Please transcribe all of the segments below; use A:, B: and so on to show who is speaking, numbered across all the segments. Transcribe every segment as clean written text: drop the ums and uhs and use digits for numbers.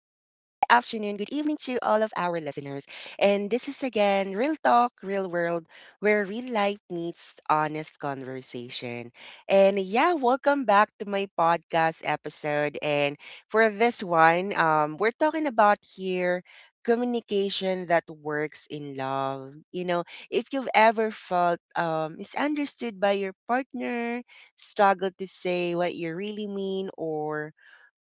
A: good evening to all of our listeners. And this is again Real Talk, Real World, where real life meets honest conversation. And yeah, welcome back to my podcast episode. And for this one, we're talking about here communication that works in love. You know, if you've ever felt misunderstood by your partner, struggle to say what you really mean or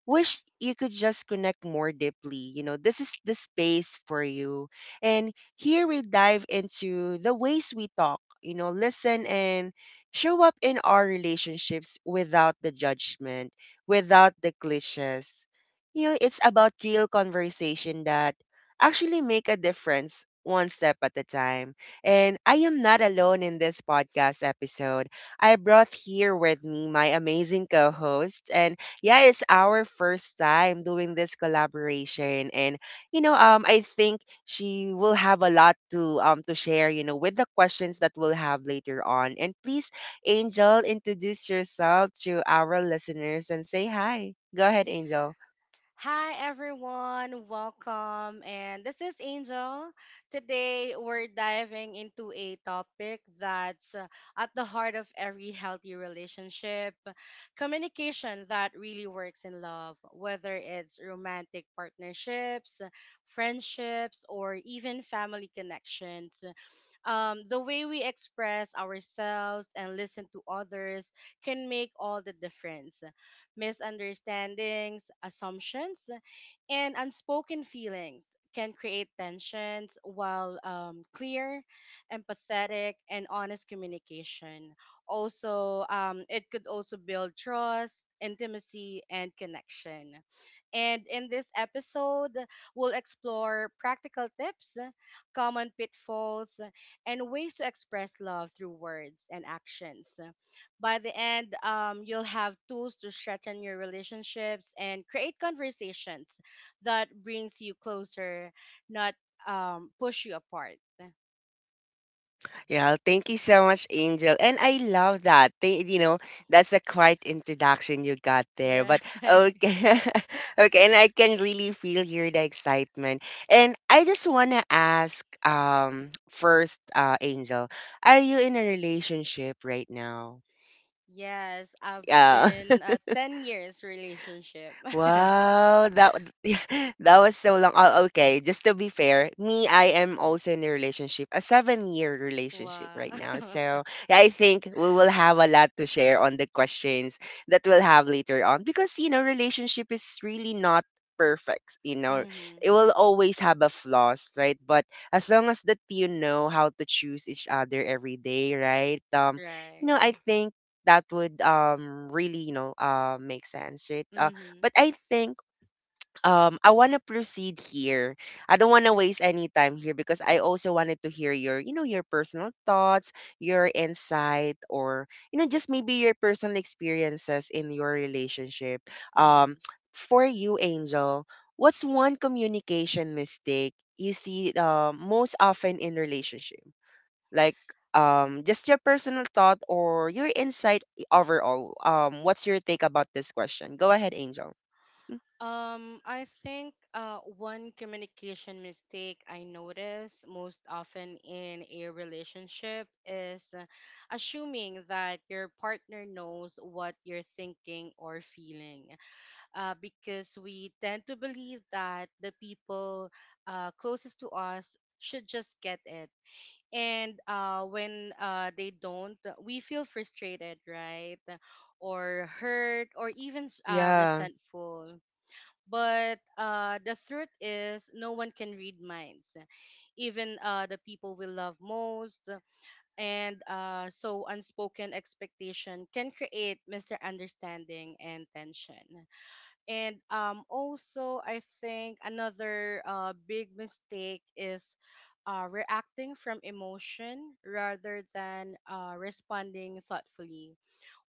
A: wish you could just connect more deeply. You know, this is the space for you. And here we dive into the ways we talk, you know, listen and show up in our relationships without the judgment, without the cliches. You know, it's about real conversation that actually make a difference one step at a time. And I am not alone in this podcast episode. I brought here with me my amazing co-host, and yeah, it's our first time doing this collaboration, and I think she will have a lot to share, you know, with the questions that we'll have later on. And please, Angel, introduce yourself to our listeners and say hi. Go ahead, Angel.
B: Hi everyone, welcome. And this is Angel. Today we're diving into a topic that's at the heart of every healthy relationship, communication that really works in love, whether it's romantic partnerships, friendships, or even family connections. The way we express ourselves and listen to others can make all the difference. Misunderstandings, assumptions, and unspoken feelings can create tensions, while clear, empathetic, and honest communication also it could also build trust, intimacy, and connection. And in this episode, we'll explore practical tips, common pitfalls, and ways to express love through words and actions. By the end, you'll have tools to strengthen your relationships and create conversations that brings you closer, not, push you apart.
A: Yeah, thank you so much, Angel. And I love that. You know, that's a quiet introduction you got there.
B: Yeah.
A: But okay. Okay, and I can really feel here the excitement. And I just want to ask first Angel, are you in a relationship right now?
B: Yes, I've
A: Yeah.
B: been a 10 years relationship.
A: Wow, that was so long. Oh, okay. Just to be fair, me, I am also in a relationship, a 7-year relationship
B: Wow.
A: right now. So yeah, I think we will have a lot to share on the questions that we'll have later on because you know, relationship is really not perfect. You know,
B: Mm-hmm.
A: it will always have a flaws, right? But as long as that you know how to choose each other every day, right? You know, I
B: Right.
A: think that would really you know make sense, right?
B: Mm-hmm.
A: But I think I want to proceed here. I don't want to waste any time here because I also wanted to hear your, you know, your personal thoughts, your insight, or you know just maybe your personal experiences in your relationship. Um
B: Mm-hmm.
A: for you Angel, what's one communication mistake you see, most often in relationship? Like just your personal thought or your insight overall, what's your take about this question? Go ahead, Angel. Mm.
B: I think one communication mistake I notice most often in a relationship is assuming that your partner knows what you're thinking or feeling. Because we tend to believe that the people closest to us should just get it. And when they don't, we feel frustrated, right? Or hurt, or even
A: Yeah,
B: resentful. But the truth is, no one can read minds, even the people we love most. And unspoken expectation can create misunderstanding and tension. And also, I think another big mistake is reacting from emotion rather than responding thoughtfully.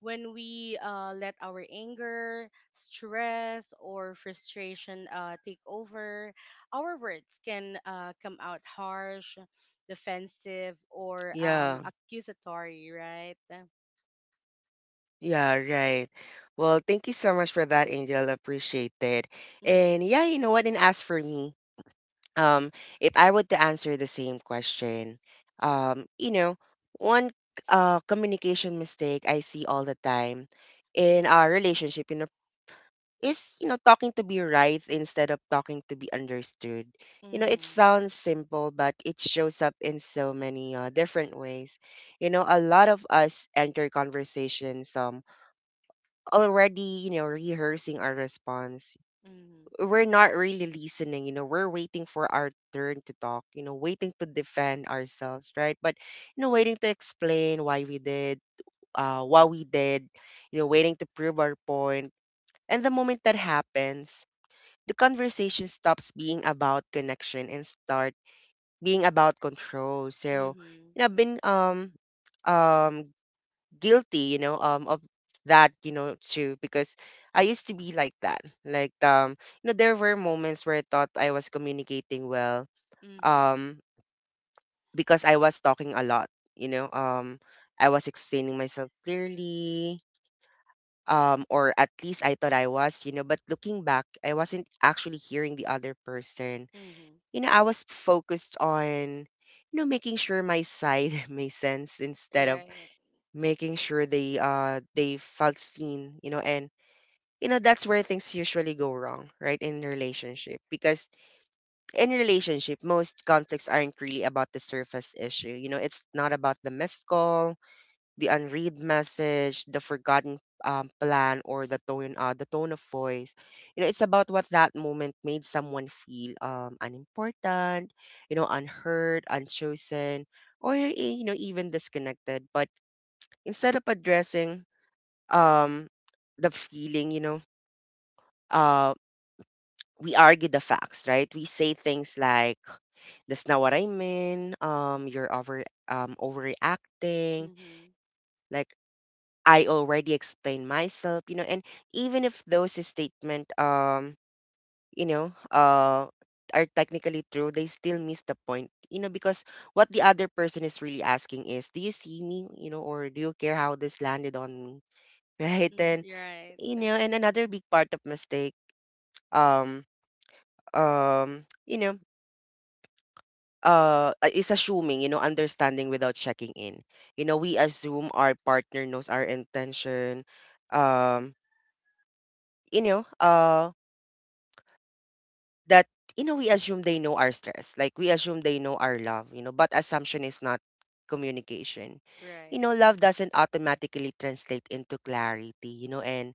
B: When we let our anger, stress, or frustration take over, our words can come out harsh, defensive, or
A: yeah,
B: accusatory, right?
A: yeah, right. Well, thank you so much for that, Angel. Appreciate it.
B: Mm-hmm,
A: And yeah, you know what? And as for me, um if I were to answer the same question, you know, one communication mistake I see all the time in our relationship, you know, is you know talking to be right instead of talking to be understood. You know, it
B: mm-hmm,
A: sounds simple, but it shows up in so many, different ways. You know, a lot of us enter conversations already you know rehearsing our response.
B: mm-hmm,
A: We're not really listening. You know, we're waiting for our turn to talk, you know, waiting to defend ourselves, right? But you know waiting to explain why we did what we did, you know, waiting to prove our point. And the moment that happens, the conversation stops being about connection and start being about control. So
B: mm-hmm,
A: you know I've been um guilty, you know, of that, you know, too, because I used to be like that. Like, you know, there were moments where I thought I was communicating well,
B: mm-hmm.
A: um, because I was talking a lot, you know, I was explaining myself clearly, or at least I thought I was, you know, but looking back, I wasn't actually hearing the other person.
B: Mm-hmm.
A: You know, I was focused on, you know, making sure my side made sense instead of
B: Right.
A: making sure they felt seen, you know, and you know that's where things usually go wrong, right? In relationship, because in relationship most conflicts aren't really about the surface issue. You know, it's not about the missed call, the unread message, the forgotten plan, or the tone of voice. You know, it's about what that moment made someone feel, unimportant, you know, unheard, unchosen, or you know even disconnected. But instead of addressing um the feeling, you know, uh we argue the facts, right? We say things like, that's not what I mean, you're overreacting.
B: Mhm.
A: Like, I already explained myself, you know, and even if those statement you know are technically true, they still miss the point. You know, because what the other person is really asking is, do you see me, you know, or do you care how this landed on me? Right?
B: Mhm.
A: Then
B: Right.
A: you know, and another big part of mistake, um you know, is assuming you know understanding without checking in. You know, we assume our partner knows our intention, um you know, that you know we assume they know our stress, like we assume they know our love. You know, but assumption is not communication. You
B: Right.
A: know, love doesn't automatically translate into clarity. You know, and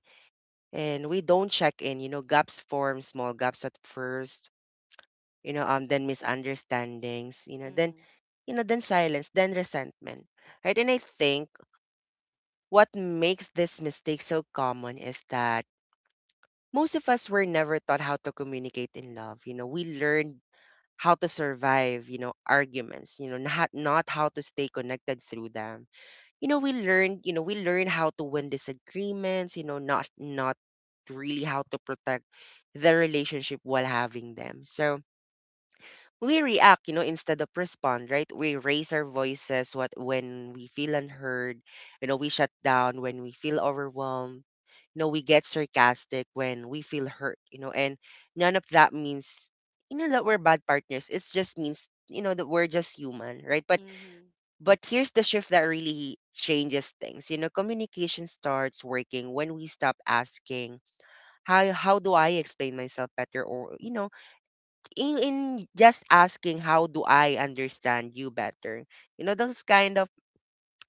A: we don't check in. You know, gaps form, small gaps at first, you know, then misunderstandings, you know, then
B: Mhm.
A: you know, then silence, then resentment, right? And I think what makes this mistake so common is that most of us were never taught how to communicate in love. You know, we learned how to survive, you know, arguments, you know, not how to stay connected through them. You know, we learned how to win disagreements, you know, not really how to protect the relationship while having them. So, we react, you know, instead of respond, right? We raise our voices what when we feel unheard, you know, we shut down when we feel overwhelmed, you know, we get sarcastic when we feel hurt, you know, and none of that means you know that we're bad partners. It just means you know that we're just human, right?
B: Mhm.
A: But here's the shift that really changes things. You know, communication starts working when we stop asking, how do I explain myself better, or you know in just asking, how do I understand you better. You know, those kind of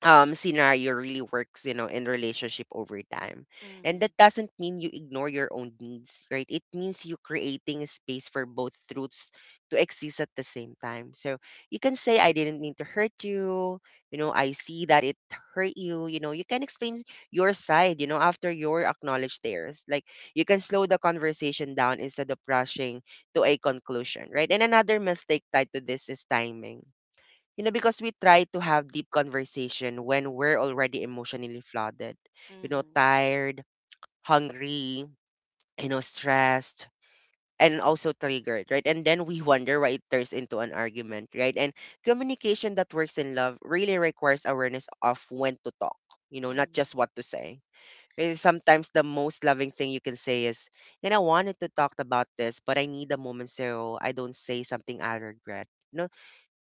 A: scenario really works you know in relationship over time. And
B: Mhm.
A: that doesn't mean you ignore your own needs, right? It means you creating a space for both truths to exist at the same time. So you can say, I didn't mean to hurt you, you know, I see that it hurt you. You know, you can explain your side, you know, after your acknowledge theirs. Like, you can slow the conversation down instead of rushing to a conclusion, right? And another mistake tied to this is timing. You know, because we try to have deep conversation when we're already emotionally flooded, you know,
B: Mhm.
A: tired, hungry, you know, stressed, and also triggered, right? And then we wonder why it turns into an argument, right? And communication that works in love really requires awareness of when to talk, you know, not
B: Mhm.
A: just what to say. Sometimes the most loving thing you can say is, you know, I wanted to talk about this, but I need a moment so I don't say something I regret.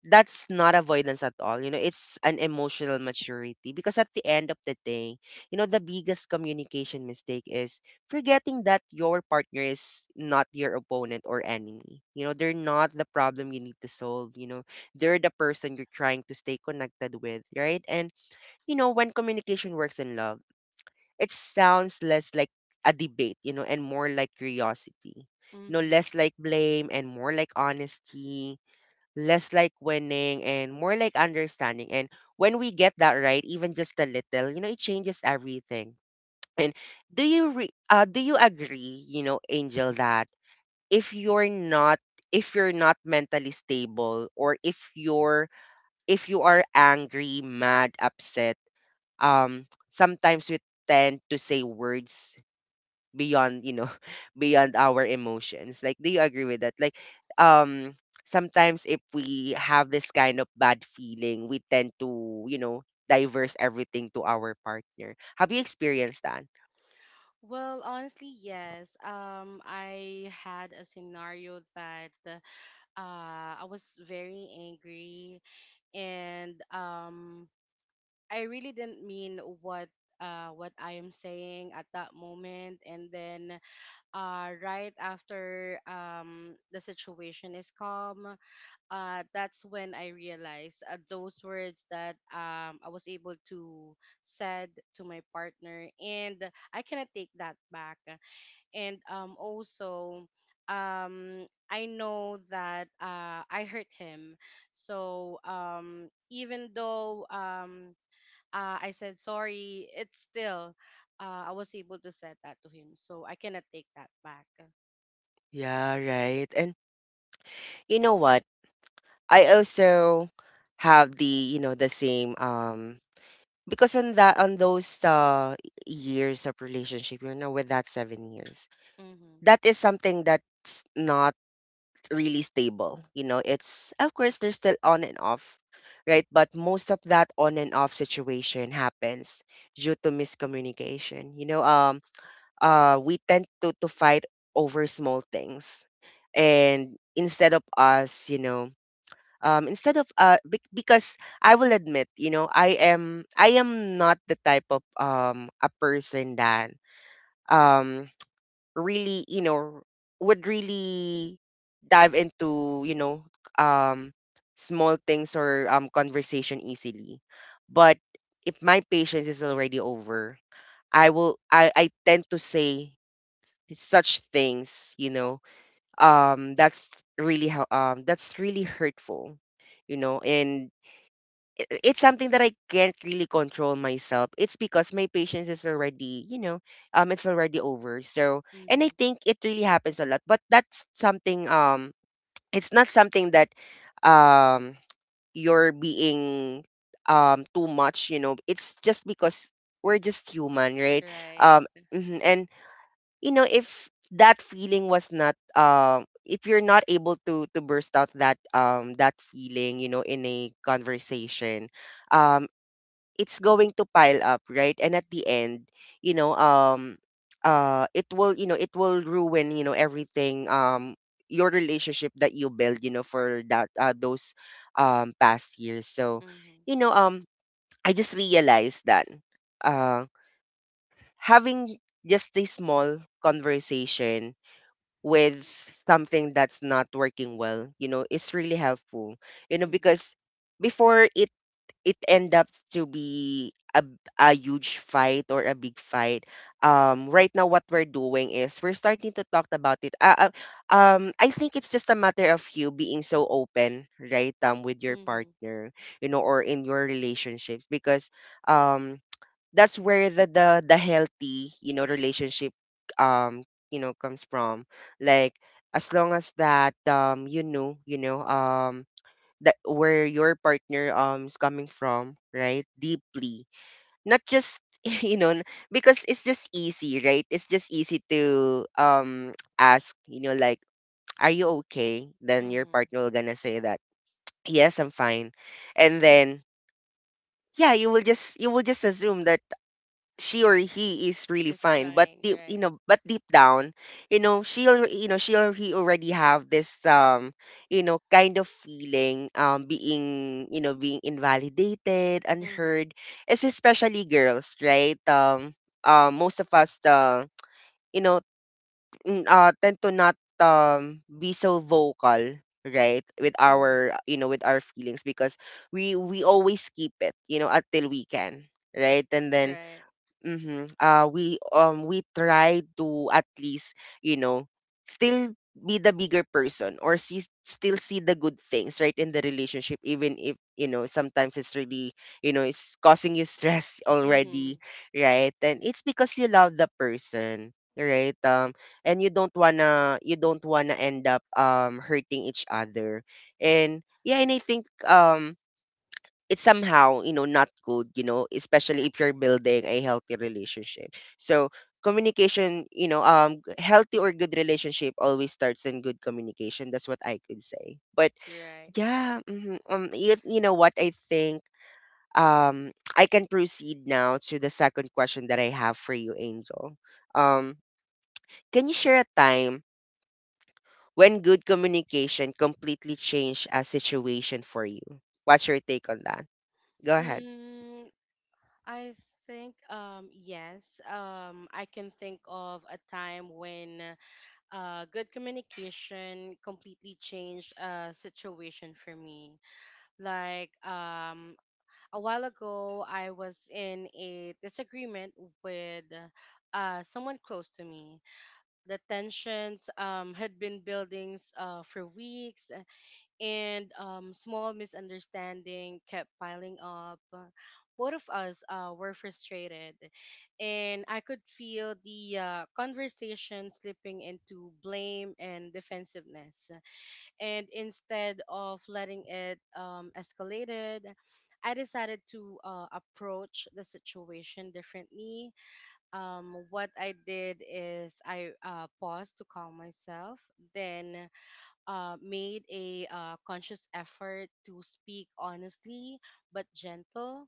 A: That's not avoidance at all. You know, it's an emotional maturity, because at the end of the day, you know, the biggest communication mistake is forgetting that your partner is not your opponent or enemy. You know, they're not the problem you need to solve. You know, they're the person you're trying to stay connected with, right? And, you know, when communication works in love, it sounds less like a debate, you know, and more like curiosity. You know,
B: Mhm.
A: less like blame and more like honesty, less like winning and more like understanding. And when we get that right, even just a little, you know, it changes everything. And do you agree, you know, Angel, that if you're not if you're not mentally stable, or if you are angry, mad, upset, sometimes we tend to say words beyond you know beyond our emotions. Like, do you agree with that? Like, um sometimes if we have this kind of bad feeling, we tend to you know diverse everything to our partner. Have you experienced that?
B: Well, honestly, yes. I had a scenario that I was very angry, and I really didn't mean what what I am saying at that moment. And then right after the situation is calm, that's when I realized those words that I was able to said to my partner, and I cannot take that back. And also, I know that I hurt him. So even though I said sorry, it's still I was able to said that to him. So I cannot take that back.
A: Yeah, right. And you know what, I also have the you know the same, because on that on those years of relationship, you know, with that 7 years,
B: Mm-hmm.
A: that is something that's not really stable. You know, it's of course there's still on and off, right? But most of that on and off situation happens due to miscommunication. We tend to fight over small things, and instead of us, you know, instead of because I will admit, I am not the type of a person that um really, would really dive into, um small things or conversation easily. But if my patience is already over, I will I tend to say such things. You know um that's really how um that's really hurtful. And it's something that I can't really control myself. It's because my patience is already, it's already over. So, and I
B: Mm-hmm.
A: think it really happens a lot. But that's something. It's not something that, um, you're being, too much. You know, it's just because we're just human, right?
B: Right.
A: Um, mhm, and you know, if that feeling was not, if you're not able to burst out that feeling, you know, in a conversation, um it's going to pile up, right? And at the end, you know, um, it will, it will ruin, everything, your relationship that you build, for that, those, past years. So,
B: Mm-hmm.
A: you know, um, I just realized that, uh, having just a small conversation with something that's not working well, you know, is really helpful,
B: Mm-hmm.
A: because before it end up to be a huge fight or a big fight. Right now, what we're doing is we're starting to talk about it. I think it's just a matter of you being so open, right, with your
B: Mm-hmm.
A: partner, you know, or in your relationships, because, um, that's where the healthy, you know, relationship, um, comes from. Like, as long as that you know, that where your partner is coming from, right? Deeply. Not just you know because it's just easy, right? It's just easy to ask, you know, like, are you okay? Then your
B: Mm-hmm.
A: partner will gonna say that, yes, I'm fine. And then, yeah, you will just, assume that she or he is really
B: It's
A: fine, but
B: right,
A: deep, you
B: right.
A: know but deep down, she or he already have this, kind of feeling, being, being invalidated,
B: Mm-hmm.
A: unheard. It's especially girls, right? Most of us, you know tend to not, be so vocal, right, with
B: Mm-hmm.
A: our, with our feelings, because we always keep it, you know, until we can, right. And then,
B: Right.
A: mhm. We, we try to at least, you know still be the bigger person, or see still see the good things, right, in the relationship, even if, you know, sometimes it's really, it's causing you stress already,
B: Mm-hmm.
A: right. And it's because you love the person, right, and you don't wanna end up, hurting each other. And yeah, and I think, it's somehow, you know, not good, you know, especially if you're building a healthy relationship. So communication, healthy or good relationship always starts in good communication. That's what I could say. But
B: Right.
A: yeah, mhm. You know what I think, um I can proceed now to the second question that I have for you, Angel. Um can you share a time when good communication completely changed a situation for you? What's your take on that? Go ahead.
B: Mm, I think yes. I can think of a time when good communication completely changed a situation for me. Like a while ago I was in a disagreement with someone close to me. The tensions had been building for weeks, and small misunderstanding kept piling up. Both of us were frustrated, and I could feel the conversation slipping into blame and defensiveness. And instead of letting it escalated, I decided to approach the situation differently. What I did is I paused to calm myself, then made a conscious effort to speak honestly but gentle.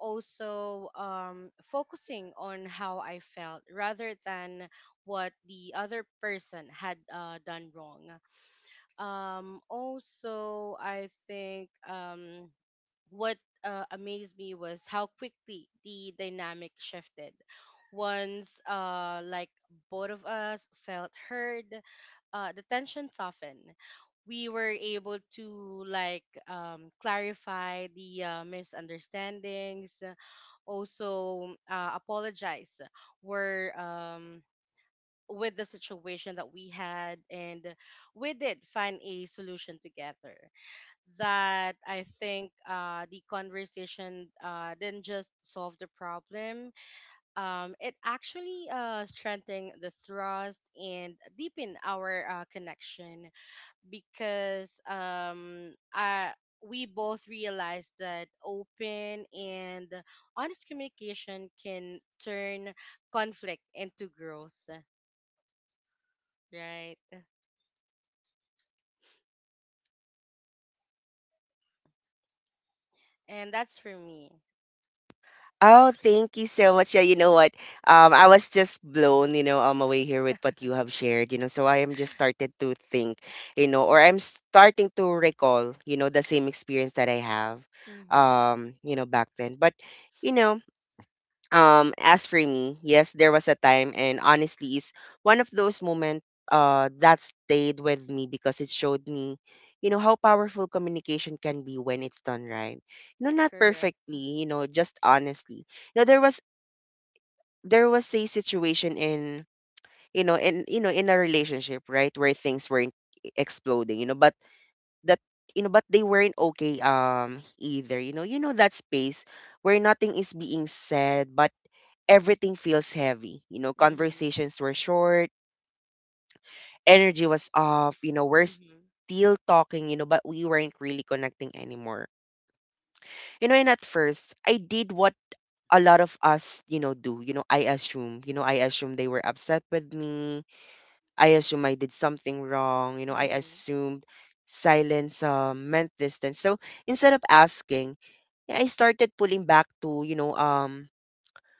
B: Also, focusing on how I felt rather than what the other person had done wrong. Also, I think. What amazed me was how quickly the dynamic shifted. Once, both of us felt heard, the tension softened. We were able to clarify the misunderstandings, also apologize were with the situation that we had, and we did find a solution together, that I think the conversation didn't just solve the problem. It actually strengthened the trust and deepened our connection, because we both realized that open and honest communication can turn conflict into growth, right? And that's for me.
A: Oh, thank you so much. Yeah, you know what? I was just blown, away here with what you have shared, you know. So I am just started to think, or I'm starting to recall, the same experience that I have,
B: Mm-hmm.
A: you know, back then. But, you know, as for me, yes, there was a time, and honestly, is one of those moments, that stayed with me, because it showed me, you know, how powerful communication can be when it's done right. You know, not
B: Correct.
A: perfectly, you know, just honestly. You know, there was a situation in, in a relationship, right, where things weren't, exploding, you know, but that they weren't okay, either, you know. You know that space where nothing is being said, but everything feels heavy. You know,
B: Mm-hmm.
A: conversations were short, energy was off, you know, we're
B: Mm-hmm.
A: still talking, you know, but we weren't really connecting anymore. You know, and at first, I did what a lot of us, you know, do. You know, I assume they were upset with me. I assume I did something wrong. You know, I
B: Mm-hmm.
A: assumed silence, meant distance. So instead of asking, yeah, I started pulling back to,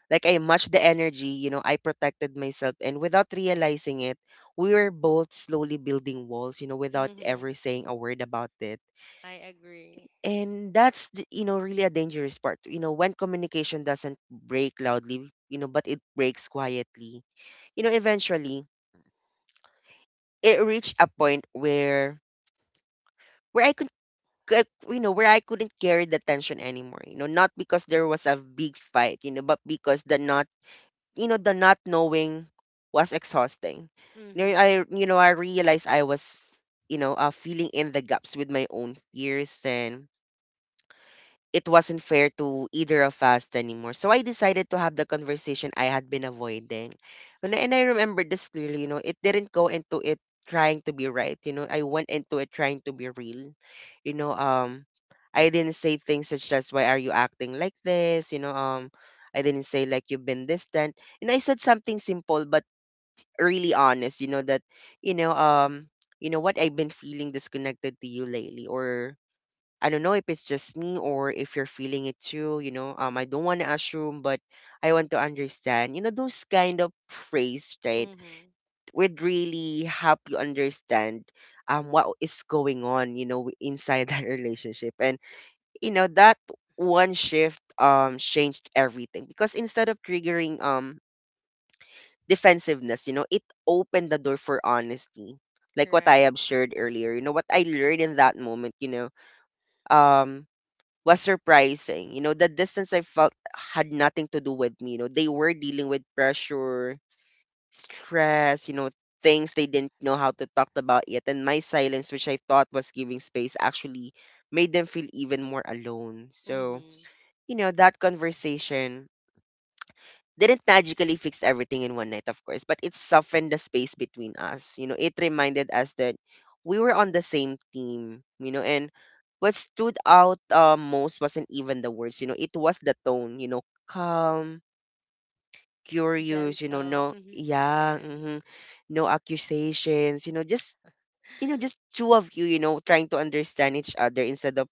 A: like, I matched the energy, you know, I protected myself, and without realizing it, we were both slowly building walls, you know, without
B: Mm-hmm.
A: ever saying a word about it.
B: I agree.
A: And that's really a dangerous part. You know, when communication doesn't break loudly, you know, but it breaks quietly. You know, eventually it reached a point where I could where I couldn't carry the tension anymore. You know, not because there was a big fight, you know, but because the knot, the not knowing was exhausting. You know,
B: Mm-hmm.
A: I realized I was, feeling in the gaps with my own fears, and it wasn't fair to either of us anymore. So I decided to have the conversation I had been avoiding. And
B: Mm-hmm.
A: I remember this clearly, you know, it didn't go into it trying to be right. You know, I went into it trying to be real. You know, I didn't say things such as, why are you acting like this? You know, I didn't say like you've been distant. And I said something simple but really honest, you know, um, you know what, I've been feeling disconnected to you lately, or I don't know if it's just me or if you're feeling it too, you know. I don't want to assume, but I want to understand. You know those kind of phrase, right?
B: Mm-hmm.
A: Would really help you understand what is going on, you know, inside that relationship. And you know that one shift changed everything, because instead of triggering, defensiveness, you know, it opened the door for honesty. Like what I
B: Right.
A: have shared earlier, you know, what I learned in that moment, you know, um was surprising. You know, the distance I felt had nothing to do with me. You know, they were dealing with pressure, stress, you know, things they didn't know how to talk about yet. And my silence, which I thought was giving space, actually made them feel even more alone. So,
B: Mm-hmm.
A: you know, that conversation didn't magically fix everything in one night, of course, but it softened the space between us. You know, it reminded us that we were on the same team, you know. And what stood out, most, wasn't even the words, you know, it was the tone, you know, calm, curious, you know,
B: Gentle.
A: no,
B: Mm-hmm.
A: yeah, hmm,
B: Right.
A: no accusations, you know, just two of you, you know, trying to understand each other, instead of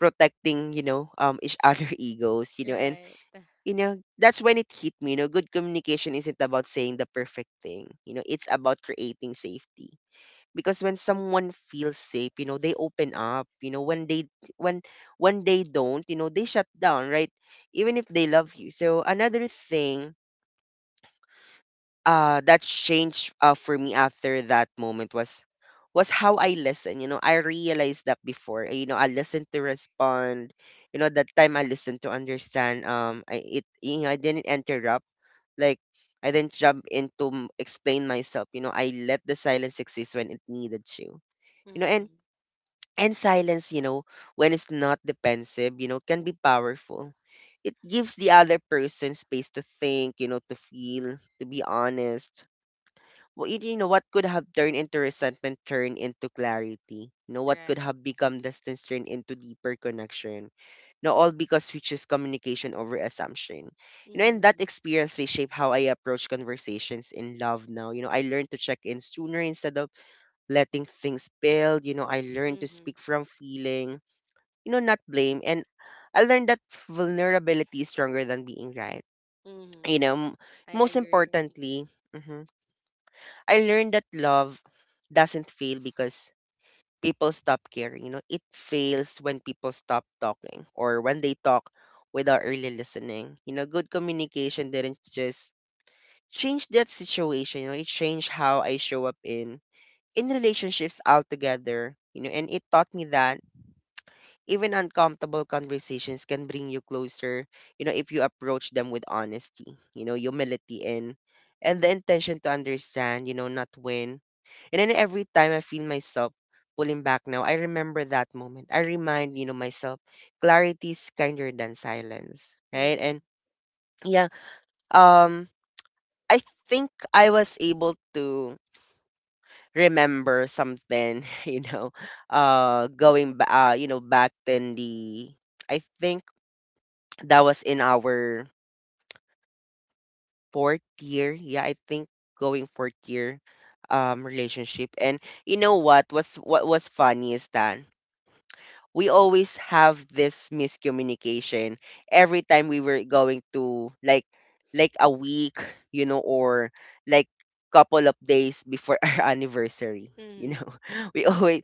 A: protecting, each other egos, you know. And
B: Right.
A: you know, that's when it hit me. You know, good communication isn't about saying the perfect thing. You know, it's about creating safety. Because when someone feels safe, you know, they open up. You know, when when they don't, you know, they shut down, right? Even if they love you. So another thing that changed, for me after that moment, was how I listen. You know, I realized that before. You know, I listened to respond. You know, that time I listened to understand. I it you know I didn't interrupt, like, I didn't jump in to, explain myself. You know, I let the silence exist when it needed to. You know, and
B: Mm-hmm.
A: and silence, you know, when it's not defensive, you know, can be powerful. It gives the other person space to think, you know, to feel, to be honest, well, you know what could have turned into resentment turned into clarity. You know what could
B: Right.
A: have become distance turned into deeper connection. No, all because we choose communication over assumption. You know, and that
B: Mm-hmm.
A: experience reshaped how I approach conversations in love now. You know, I learned to check in sooner instead of letting things build. You know, I learned to
B: Mm-hmm.
A: speak from feeling, you know, not blame. And I learned that vulnerability is stronger than being right.
B: Mm-hmm.
A: You know,
B: I
A: most
B: agree.
A: importantly. mhm. I learned that love doesn't fail because people stop caring. It fails when people stop talking or when they talk without really listening. Good communication didn't just change that situation. It changed how I show up in relationships altogether. And it taught me that even uncomfortable conversations can bring you closer. If you approach them with honesty. Humility and the intention to understand. Not win. And then every time I feel myself pulling back now, I remember that moment. I remind myself, clarity is kinder than silence, right?
B: Mm-hmm.
A: And yeah, um, I think I was able to remember something, going, back in I think that was in our fourth year. Yeah, I think going fourth year relationship. And what was funny is that we always have this miscommunication every time we were going to like a week, or like couple of days before our anniversary, you
B: Mm-hmm.
A: know. We always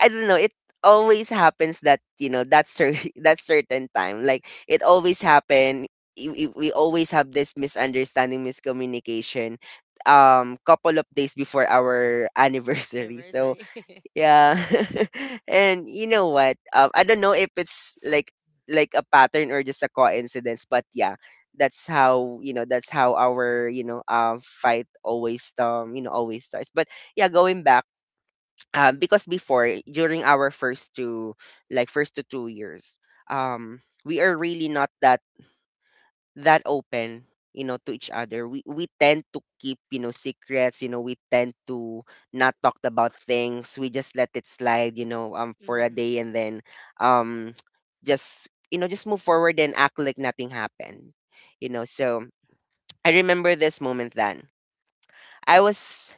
A: I don't know, it always happens that, that certain time. Like it always happen we always have this misunderstanding miscommunication couple of days before our anniversary. So
B: Anniversary.
A: yeah. And you know what? I don't know if it's like a pattern or just a coincidence, but yeah, that's how that's how our fight always always starts. But yeah, going back, because before during our first to 2 years, we are really not that open, to each other. We tend to keep secrets. We tend to not talk about things. We just let it slide, for a
B: Mm-hmm.
A: day and then um just move forward and act like nothing happened. So I remember this moment then. I was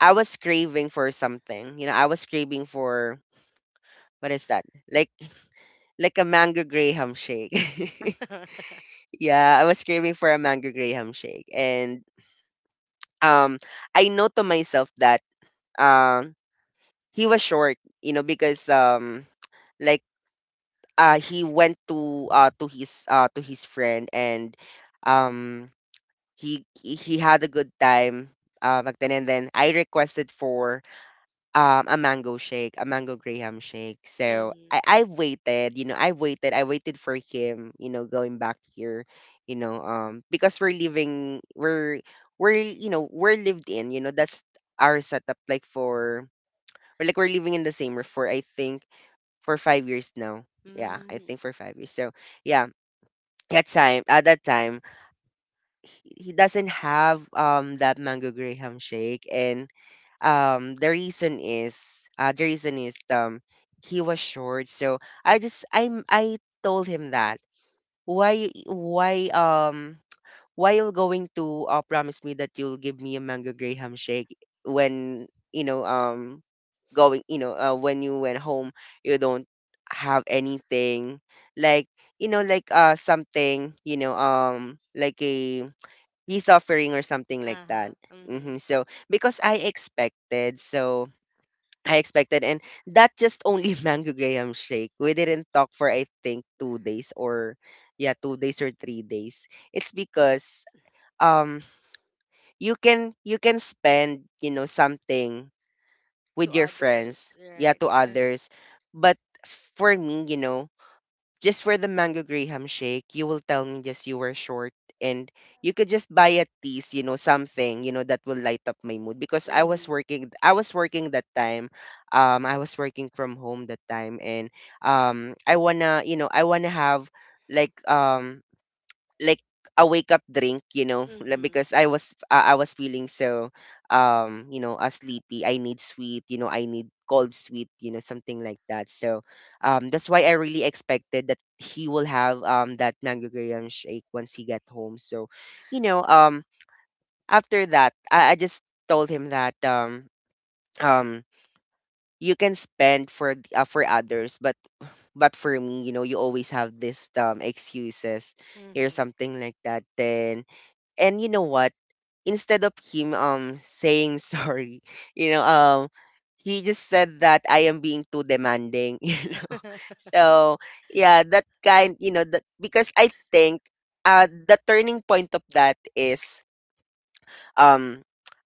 A: I was craving for something. I was craving for what is that? Like like a mango graham shake. Yeah, I was craving for a mango graham shake. And um I know to myself that um he was short, because like he went to his friend. And um he had a good time back then. And then I requested for a mango shake, a mango Graham shake. So
B: Mm-hmm.
A: I've waited, I've waited, I waited for him, going back here, because we're lived in, that's our setup like for or we're living in the same roof for I think for 5 years now. Yeah, I
B: Mm,
A: think for 5 years. So yeah, that time at that time he doesn't have that mango Graham shake. And the reason is he was short. So I just I told him that why why um why you're going to, promise me that you'll give me a mango graham shake when you know going you know when you went home you don't have anything like something like a peace offering or something like that.
B: uh-huh.
A: hmm
B: Mm-hmm.
A: so because I expected. So I expected. And that just only mango graham shake. We didn't talk for I think 2 days, or yeah, 2 days or 3 days. It's because um you can spend, something with
B: To
A: your friends,
B: others.
A: yeah,
B: Right.
A: to others. But for me, just for the mango graham shake, you will tell me just you were short. And you could just buy at least, something, that will light up my mood because I was
B: Mm-hmm.
A: working I was working that time. I was working from home that time. And I wanna, I wanna have like um like a wake up drink, like,
B: Mm-hmm.
A: because I was feeling so sleepy. I need sweet, I need cold sweet, something like that. So, that's why I really expected that he will have that mango graham shake once he get home. So, you know, um after that, I just told him that um you can spend for for others. But for me, you always have this excuses or
B: Mm-hmm.
A: something like that. Then, and you know what, instead of him saying sorry, you know um he just said that I am being too demanding. you know so yeah, that kind, that, because I think the turning point of that is um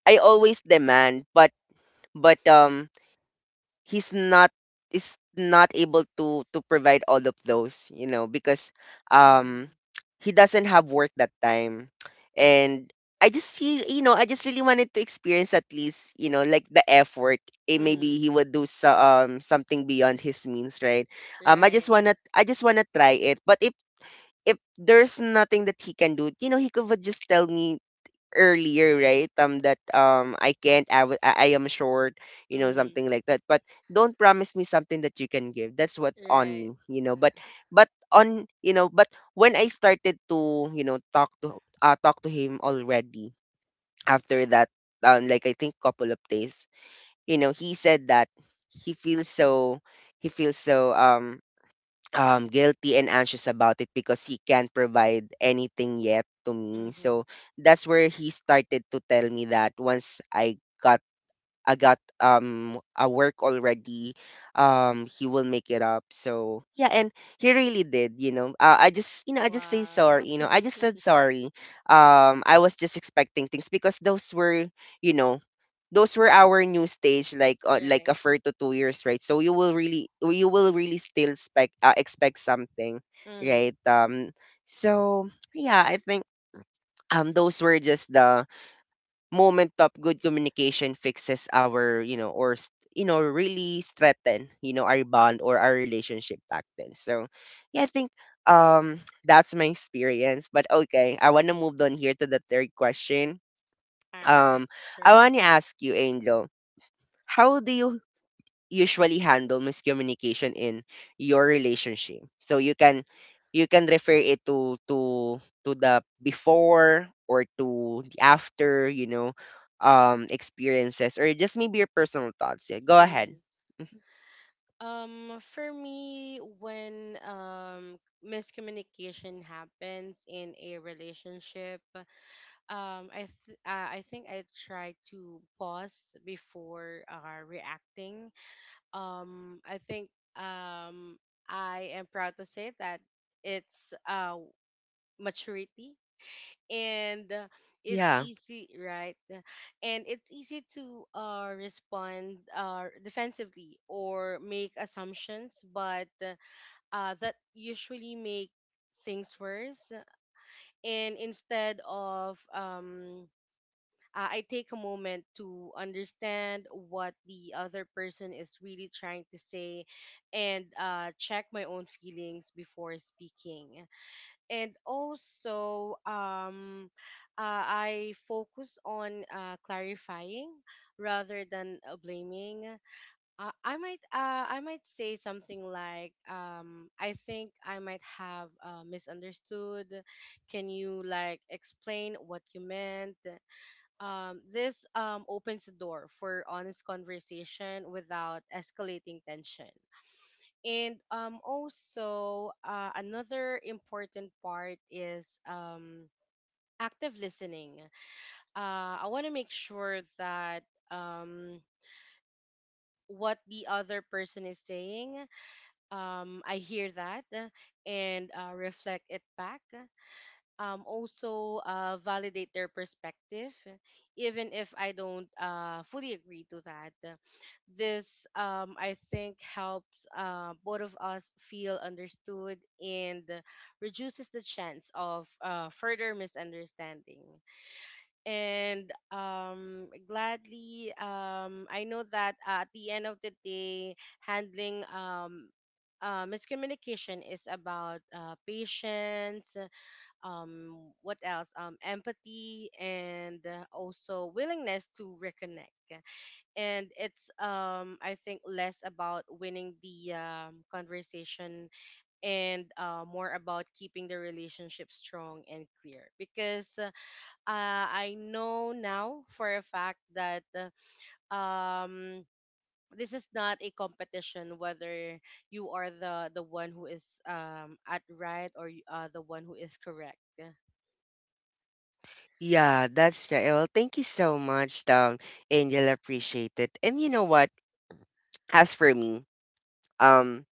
A: I always demand. But but um he's not, is not able to provide all of those, because um
B: Mm-hmm.
A: he doesn't have work that time. And I just re- you know I just really wanted to experience at least, like the effort. Eh, maybe
B: Mm-hmm.
A: he would do so, something beyond his means, right? I just
B: Right.
A: wanna i just wanna try it. But if there's nothing that he can do, he could would just tell me earlier, right? That, I can't. I wa- I am short.
B: Mm-hmm.
A: Something like that. But don't promise me something that you can give. That's what on me.
B: Right.
A: But when I started to, talk to, talk to him already after that, like I think couple of days, he said that he feels so he feels so guilty and anxious about it because he can't provide anything yet to me. So
B: Mm-hmm.
A: that's where he started to tell me that once I got a work already, he will make it up. So yeah, and he really did. I just say
B: Wow.
A: sorry. I just said sorry. I was just expecting things because you know those were our new stage like, like a
B: Right.
A: for to 2 years, right? So you will really still expect, expect something,
B: Mm-hmm.
A: right? So yeah, I think, those were just the moment of good communication fixes our, you know or s- you know really strengthen, our bond or our relationship back then. So yeah, I think, that's my experience. But okay, I want to move on here to the third question.
B: All right.
A: um I
B: Sure.
A: want to ask you, Angel, how do you usually handle miscommunication in your relationship. So you can refer it to the before or to the after, experiences, or just maybe your personal thoughts. Yeah, go ahead.
B: Mm-hmm.
A: Mhm.
B: For me, when miscommunication happens in a relationship, I think I try to pause before reacting. Um, I think um I am proud to say that it's maturity, and it's
A: Yeah.
B: easy, right? And it's easy to respond defensively or make assumptions, but that usually make things worse. And instead of, I take a moment to understand what the other person is really trying to say, and check my own feelings before speaking. And also, I focus on clarifying rather than blaming. I might say something like, I think I might have misunderstood. Can you like explain what you meant? This, opens the door for honest conversation without escalating tension. And also, another important part is active listening. I want to make sure that, um, what the other person is saying, I hear that, and reflect it back, also validate their perspective, even if I don't fully agree to that. This, I think, helps both of us feel understood and reduces the chance of further misunderstanding. And gladly, I know that at the end of the day, handling miscommunication is about patience, what else, empathy, and also willingness to reconnect. And it's, I think less about winning the conversation, and more about keeping the relationship strong and clear. Because I know now for a fact that um this is not a competition, whether you are the one who is at right, or you are the one who is correct.
A: Yeah, that's right. Well, thank you so much, Angel. Appreciate it. And you know what? As for me, um,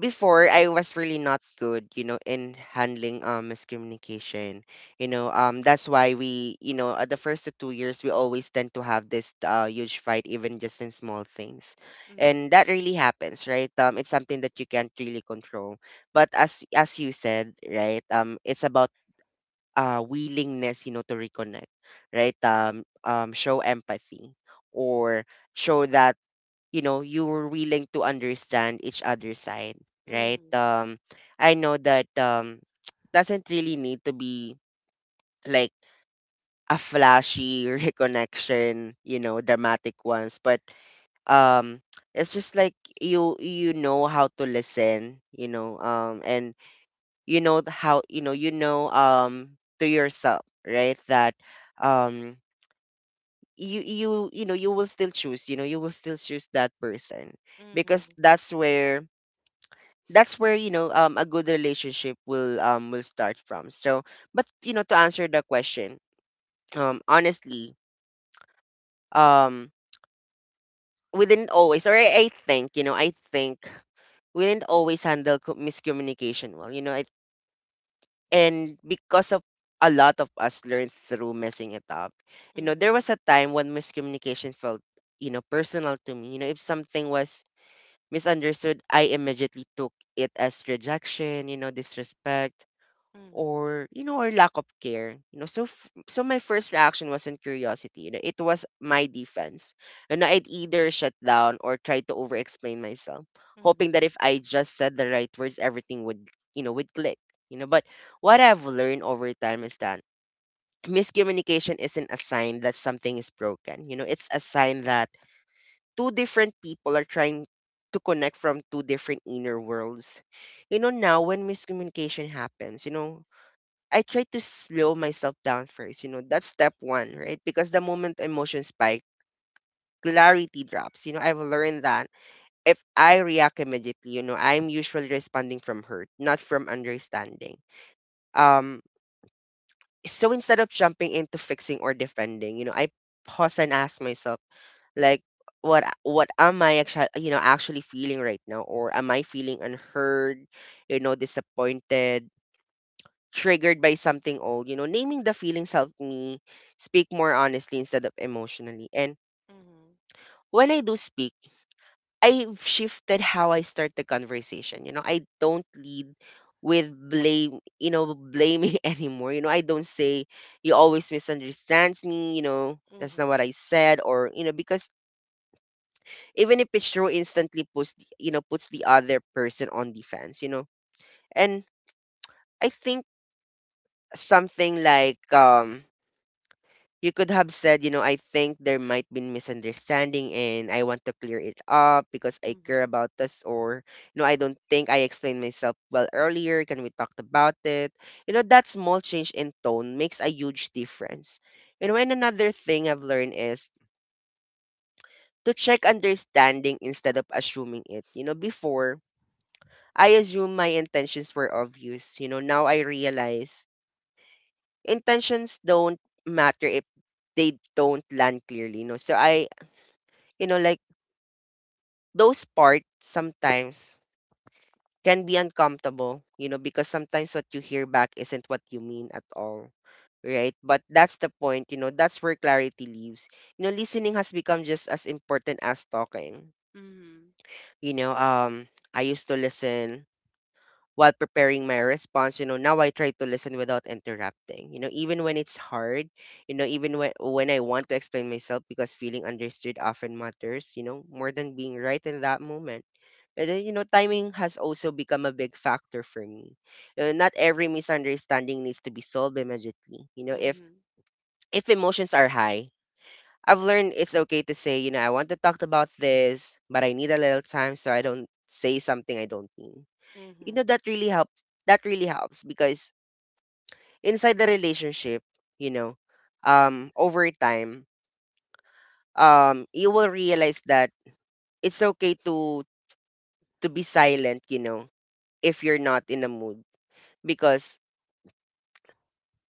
A: before I was really not good, in handling miscommunication. That's why we, at the first to 2 years, we always tend to have this huge fight, even just in small things,
B: Mhm.
A: and that really happens, right? It's something that you can't really control. But as you said, right? It's about, willingness, to reconnect, right? Show empathy, or show that you're willing to understand each other's side, right?
B: Mhm.
A: I know that doesn't really need to be like a flashy reconnection, you know, dramatic ones, but um, it's just like you know how to listen, and you know how you know to yourself, right? That um you know you will still choose, you know, you will still choose that person, because
B: Mhm.
A: that's where a good relationship will start from. So but you know, to answer the question honestly, um we didn't always or I think you know I think we didn't always handle miscommunication well, you know I and because of a lot of us learned through messing it up. You know, there
B: Mhm.
A: was a time when miscommunication felt, you know, personal to me. You know, if something was misunderstood, I immediately took it as rejection, you know, disrespect
B: Mhm.
A: or, you know, or lack of care. So my first reaction wasn't curiosity, you know, it was my defense, and I'd either shut down or try to over explain myself, hoping
B: Mhm.
A: that if I just said the right words everything would, you know, would click. You know, but what I've learned over time is that miscommunication isn't a sign that something is broken. You know, it's a sign that two different people are trying to connect from two different inner worlds. You know, now when miscommunication happens, you know, I try to slow myself down first. You know, that's step one, right? Because the moment emotions spike, clarity drops. You know, I've learned that if I react immediately, you know, I'm usually responding from hurt, not from understanding. Um, so instead of jumping into fixing or defending, you know, I pause and ask myself, like, what am I actually, you know, actually feeling right now? Or am I feeling unheard, you know, disappointed, triggered by something old? You know, naming the feelings helped me speak more honestly instead of emotionally. And
B: Mhm.
A: when I do speak, I've shifted how I start the conversation. You know, I don't lead with blame, you know, blaming anymore. You know, I don't say you always misunderstands me, you know, that's not
B: Mhm.
A: what I said. Or you know, because even if it's true, instantly puts the, you know, puts the other person on defense, you know. And I think something like you could have said, you know, I think there might be misunderstanding and I want to clear it up because I care
B: Mhm.
A: about this. Or you know, I don't think I explained myself well earlier. Can we talk about it? You know, that small change in tone makes a huge difference. You know, and another thing I've learned is to check understanding instead of assuming it. You know, before I assumed my intentions were obvious. You know, now I realize intentions don't matter if they don't land clearly. No, so I, you know, like those parts sometimes can be uncomfortable, you know, because sometimes what you hear back isn't what you mean at all. Right. But that's the point, you know, that's where clarity lives. You know, listening has become just as important as talking.
B: Mhm.
A: You know, um, I used to listen while preparing my response. You know, now I try to listen without interrupting, you know, even when it's hard, you know, even when I want to explain myself, because feeling understood often matters, you know, more than being right in that moment. And then, you know, timing has also become a big factor for me. You know, not every misunderstanding needs to be solved immediately. If
B: Mhm.
A: if emotions are high, I've learned it's okay to say, you know, I want to talk about this, but I need a little time so I don't say something I don't mean. You know,
B: Mhm.
A: that really helps, because inside the relationship, you know, over time you will realize that it's okay to be silent, you know, if you're not in a mood. Because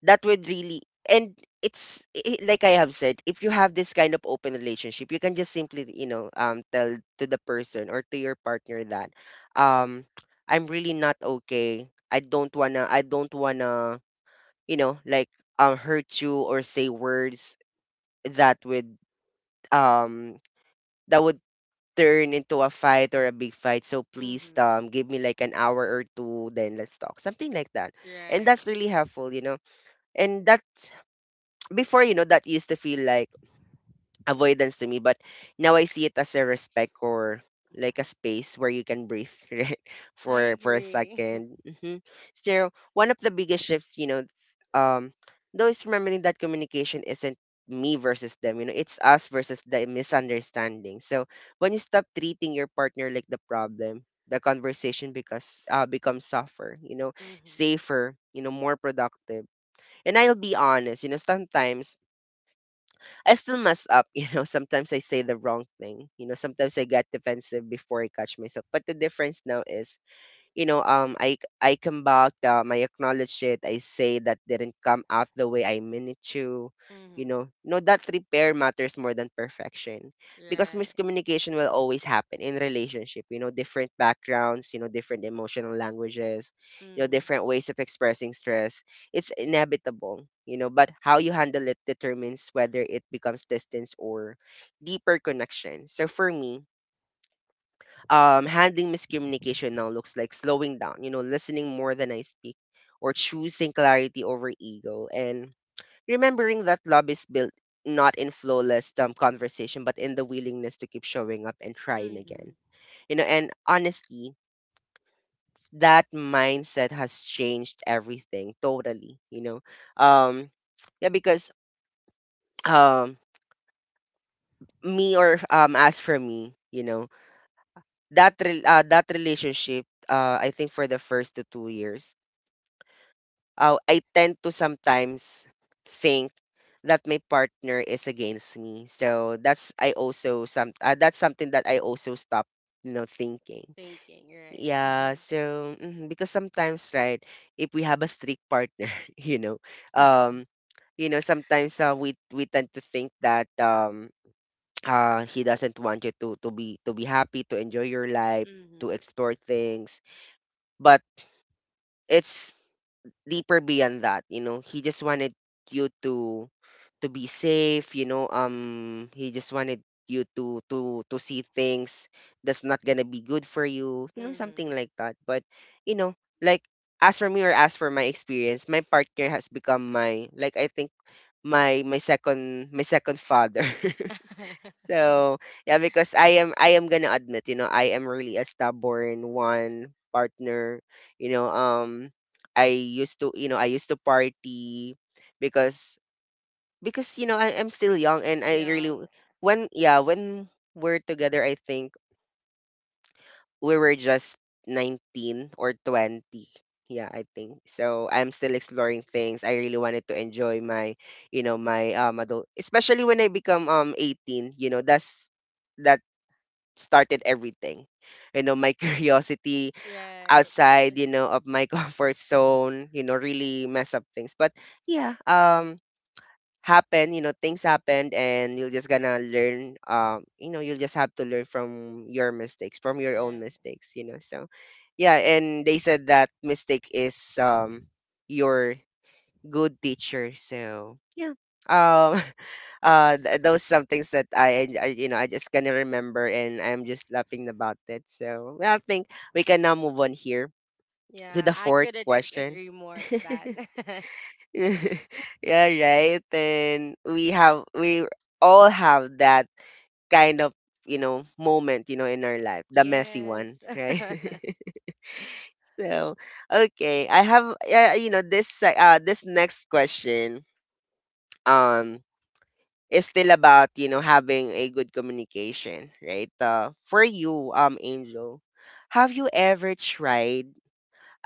A: that would really, and it's like I have said, if you have this kind of open relationship, you can just simply, you know, tell to the person or to your partner that um I'm really not okay, I don't wanna, you know, like hurt you or say words that would um that would turn into a fight or a big fight. So please,
B: Mhm.
A: give me like an hour or two, then let's talk, something like that. And
B: Right.
A: that's really helpful, you know. And that before, you know, that used to feel like avoidance to me, but now I see it as a respect, or like a space where you can breathe right,
B: I
A: for a
B: agree.
A: 2nd. Mm-hmm. So one of the biggest shifts, you know, um, though, is remembering that communication isn't me versus them, you know, it's us versus the misunderstanding. So when you stop treating your partner like the problem, the conversation, because becomes softer, you know,
B: Mhm.
A: safer, you know, more productive. And I'll be honest, you know, sometimes I still mess up, you know. Sometimes I say the wrong thing, you know. Sometimes I get defensive before I catch myself. But the difference now is, you know, I come back, I acknowledge it. I say that didn't come out the way I meant it to. You
B: Mhm.
A: know no that repair matters more than perfection, because
B: Right.
A: miscommunication will always happen in relationship. You know, different backgrounds, you know, different emotional languages, you know,
B: Mhm.
A: different ways of expressing stress. It's inevitable, you know, but how you handle it determines whether it becomes distance or deeper connection. So for me, handling miscommunication now looks like slowing down, you know, listening more than I speak, or choosing clarity over ego, and remembering that love is built not in flawless conversation, but in the willingness to keep showing up and trying
B: Mhm.
A: again. You know, and honestly, that mindset has changed everything totally. You know, um, yeah, because um, me or as for me, you know, that that relationship, I think for the first to 2 years. I tend to sometimes think that my partner is against me. So that's I also some that's something that I also stop, you know, thinking.
B: Thinking, right.
A: Yeah,
B: Mhm.
A: so mhm, because sometimes, right, if we have a strict partner, um you know sometimes we tend to think that he doesn't want you to to be happy, to enjoy your life, to
B: Mhm.
A: explore things. But it's deeper beyond that, you know, he just wanted you to be safe, you know, he just wanted you to to see things that's not gonna be good for you, you know, something
B: Mhm.
A: like that. But you know, like, as for me, or as for my experience, my partner has become my, like, I think my my second father. So yeah, because I am gonna admit, you know, I am really a stubborn one partner. You know, I used to party because you know, I'm still young and I really
B: Young,
A: when yeah, when we're together I think we were just 19 or 20. Yeah, I think. So I'm still exploring things. I really wanted to enjoy my, you know, my adult, especially when I become 18, you know, that's that started everything. You know, my curiosity
B: right.
A: outside, you know, of my comfort zone, you know, really mess up things. Yeah, um happen, you know, things happened and you're just gonna learn, you know, you'll just have to learn from your mistakes, from your own
B: Yeah.
A: mistakes, you know. So yeah, and they said that mistake is your good teacher. So yeah, um, those some things that I, you know, I just gonna remember and I'm just laughing about it. So well, I think we can now move on here to the
B: Yeah, I
A: fourth
B: couldn't
A: question.
B: agree more to that.
A: Yeah, right. Then we have we all have that kind of, you know, moment, you know, in our life, the messy
B: Yes.
A: one, right. So okay, I have you know, this this next question um is still about, you know, having a good communication, right? For you, Angel, have you ever tried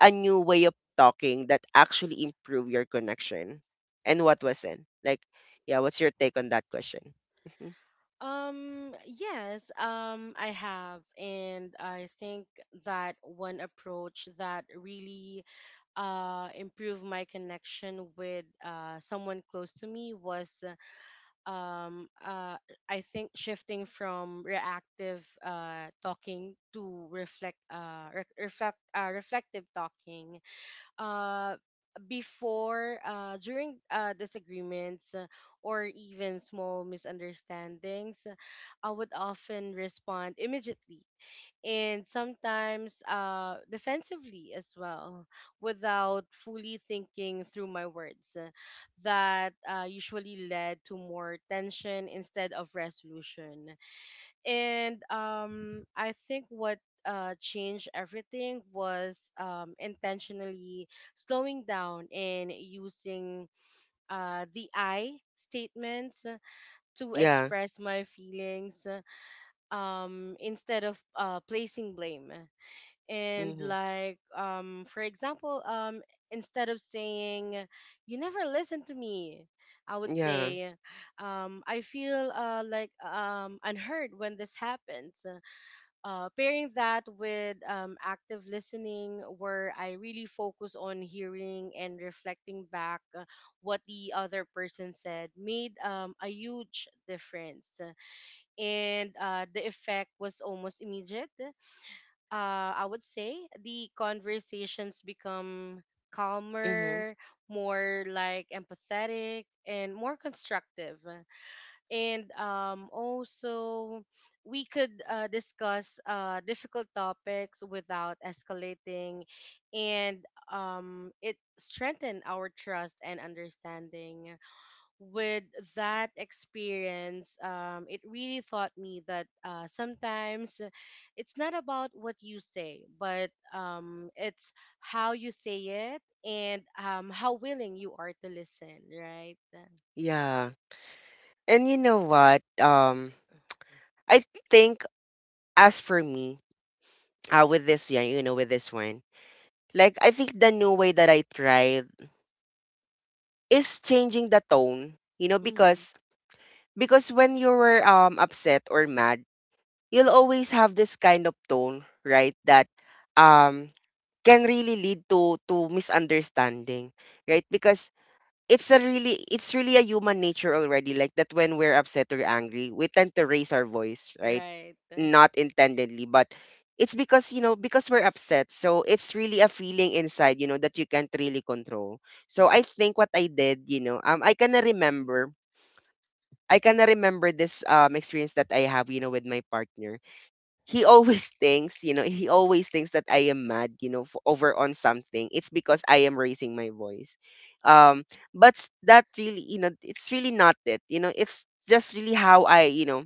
A: a new way of talking that actually improve your connection, and what was it like? Yeah, what's your take on that question? Mhm.
B: Yes, I have, and I think that one approach that really improved my connection with someone close to me was, um uh I think, shifting from reactive talking to reflective talking. Uh before During disagreements, or even small misunderstandings, I would often respond immediately, and sometimes defensively as well, without fully thinking through my words. That usually led to more tension instead of resolution. And I think what changed everything was intentionally slowing down and using the I statements to
A: Yeah.
B: express my feelings, instead of placing blame. And
A: Hmm.
B: for example, instead of saying, "You never listen to me," I would
A: Yeah.
B: say, "I feel unheard when this happens." Pairing that with active listening, where I really focus on hearing and reflecting back what the other person said, made a huge difference. And the effect was almost immediate. I would say the conversations become
A: Hmm.
B: calmer, more like empathetic, and more constructive. And also, we could discuss difficult topics without escalating. And it strengthened our trust and understanding. With that experience, it really taught me that sometimes it's not about what you say, but it's how you say it, and how willing you are to listen, right?
A: Yeah. And you know what, I think, as for me, with this, yeah, you know, with this one, like, I think the new way that I tried is changing the tone, you know,
B: Hmm.
A: because when you were upset or mad, you'll always have this kind of tone, right? That um can really lead to misunderstanding, right? Because it's a really, it's really a human nature already, like, that when we're upset or angry, we tend to raise our voice, right?
B: Right.
A: Not intendedly, but it's because, you know, because we're upset, so it's really a feeling inside, you know, that you can't really control. So I think what I did, you know, I kind of remember this experience that I have, you know, with my partner. He always thinks, you know, he always thinks that I am mad, you know, f over on something, it's because I am raising my voice. um that really, you know, it's really not it, you know, it's just really how I, you know,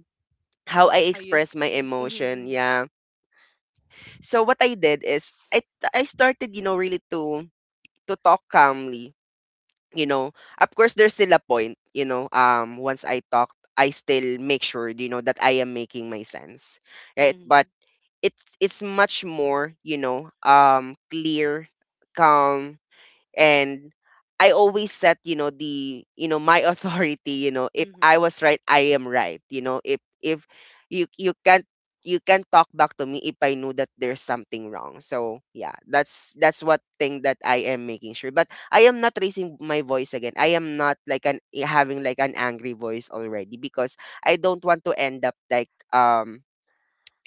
A: how I
B: how you
A: express my
B: speak.
A: emotion, yeah. So what I did is I started, you know, really to talk calmly, you know. Of course there's still a point, you know, once I talked, I still make sure, you know, that I am making my sense. Right?
B: Mm-hmm.
A: But it's much more, you know, clear, calm, and I always set, you know, the, you know, my authority, you know, if I
B: Mm-hmm.
A: was right, I am right. You know, if you you can't you can talk back to me if I know that there's something wrong. So yeah, that's what thing that I am making sure. But I am not raising my voice again. I am not like an having like an angry voice already because I don't want to end up like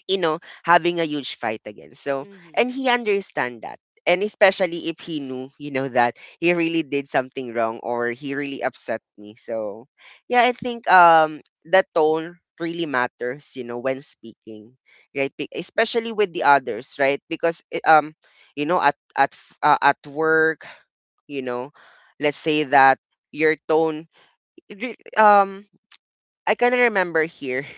A: you know, having a huge fight again. So,
B: Mm-hmm.
A: and he understand that. And especially if he knew, you know, that he really did something wrong or he really upset me. So, yeah, I think the tone really matters, you know, when speaking, right? Especially with the others, right? Because you know, at work, you know, let's say that your tone, it re- um, I kind of remember here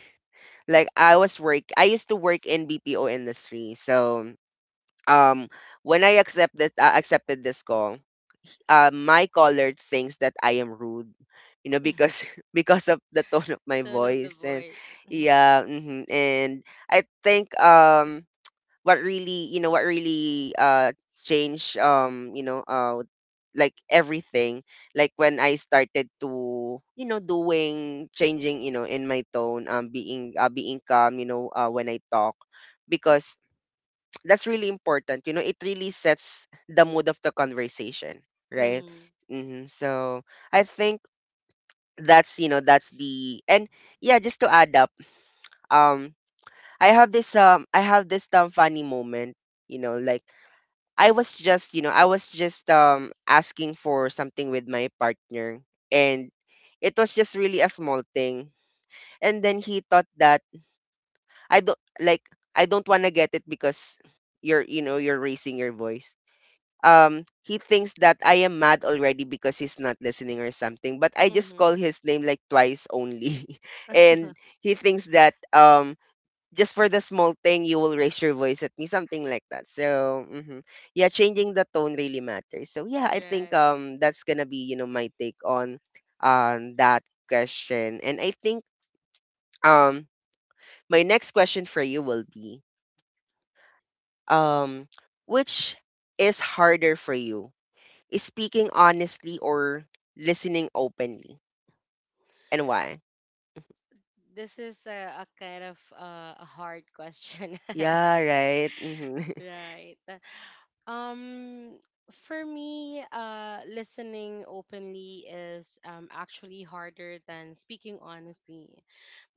A: like I used to work in BPO industry. So um when I accept that accepted this call, my caller thinks that I am rude, you know,
B: Mm-hmm.
A: because because of the tone of my
B: Tone of the
A: voice and
B: voice. Mm-hmm.
A: yeah, and I think what really you know what really changed you know like everything like when I started to, you know, doing changing, you know, in my tone, being being calm, you know, when I talk because that's really important, you know, it really sets the mood of the conversation, right.
B: Mm-hmm.
A: So I think that's, you know, that's the and yeah, just to add up, um I have this funny moment, you know, like I was just, you know, I was just asking for something with my partner and it was just really a small thing. And then he thought that I don't like I don't want to get it because you're, you know, you're raising your voice. He thinks that I am mad already because he's not listening or something, but I just
B: Mm-hmm.
A: call his name like twice only. And he thinks that just for the small thing you will raise your voice at me, something like that. So mhm. Yeah, changing the tone really matters. So yeah, I think
B: Right.
A: that's gonna be, you know, my take on that question. And I think um my next question for you will be, um which is harder for you, is speaking honestly or listening openly, and why?
B: This is a kind of a hard question.
A: Yeah, right. Mm-hmm.
B: Right. Um, for me, listening openly is actually harder than speaking honestly.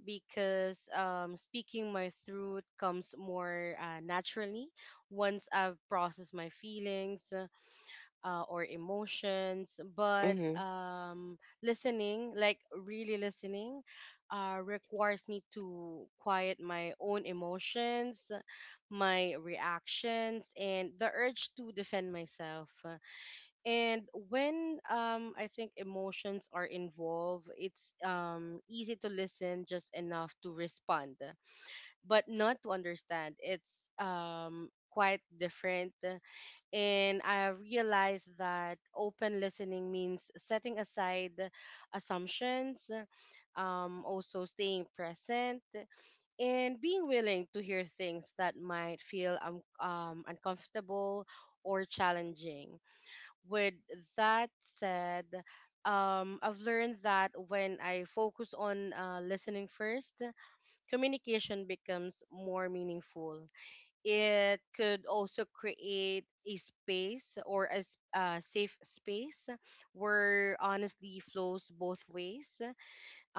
B: Because speaking my truth comes more naturally once I've processed my feelings or emotions. But
A: Mm.
B: listening, like really listening, requires me to quiet my own emotions, my reactions, and the urge to defend myself. And when I think emotions are involved, it's easy to listen just enough to respond, but not to understand. It's quite different. And I realized that open listening means setting aside assumptions, also staying present, and being willing to hear things that might feel uncomfortable or challenging. With that said, I've learned that when I focus on listening first, communication becomes more meaningful. It could also create a space, or a, a safe space where honestly flows both ways.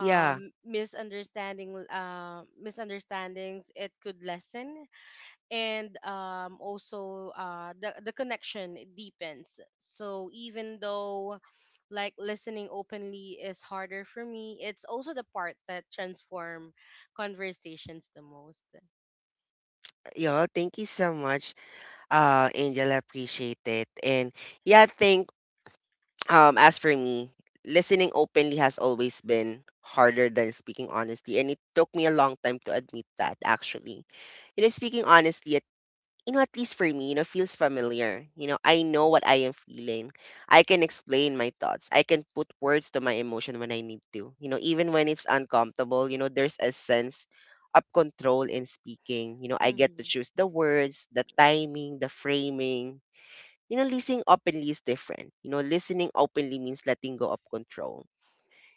A: Yeah,
B: misunderstanding, uh, Misunderstandings, it could lessen. And also the connection, it deepens. So even though like listening openly is harder for me, it's also the part that transform conversations the most.
A: thank you so much, Angel, I appreciate it. And yeah, I think as for me, listening openly has always been harder than speaking honestly, and it took me a long time to admit that. Actually, you know, speaking honestly, at, you know, at least for me, you know, feels familiar. You know, I know what I am feeling. I can explain my thoughts. I can put words to my emotion when I need to. You know, even when it's uncomfortable, you know, there's a sense of control in speaking. You know, I get to
B: Mhm.
A: choose the words, the timing, the framing. You know, listening openly is different. You know, listening openly means letting go of control.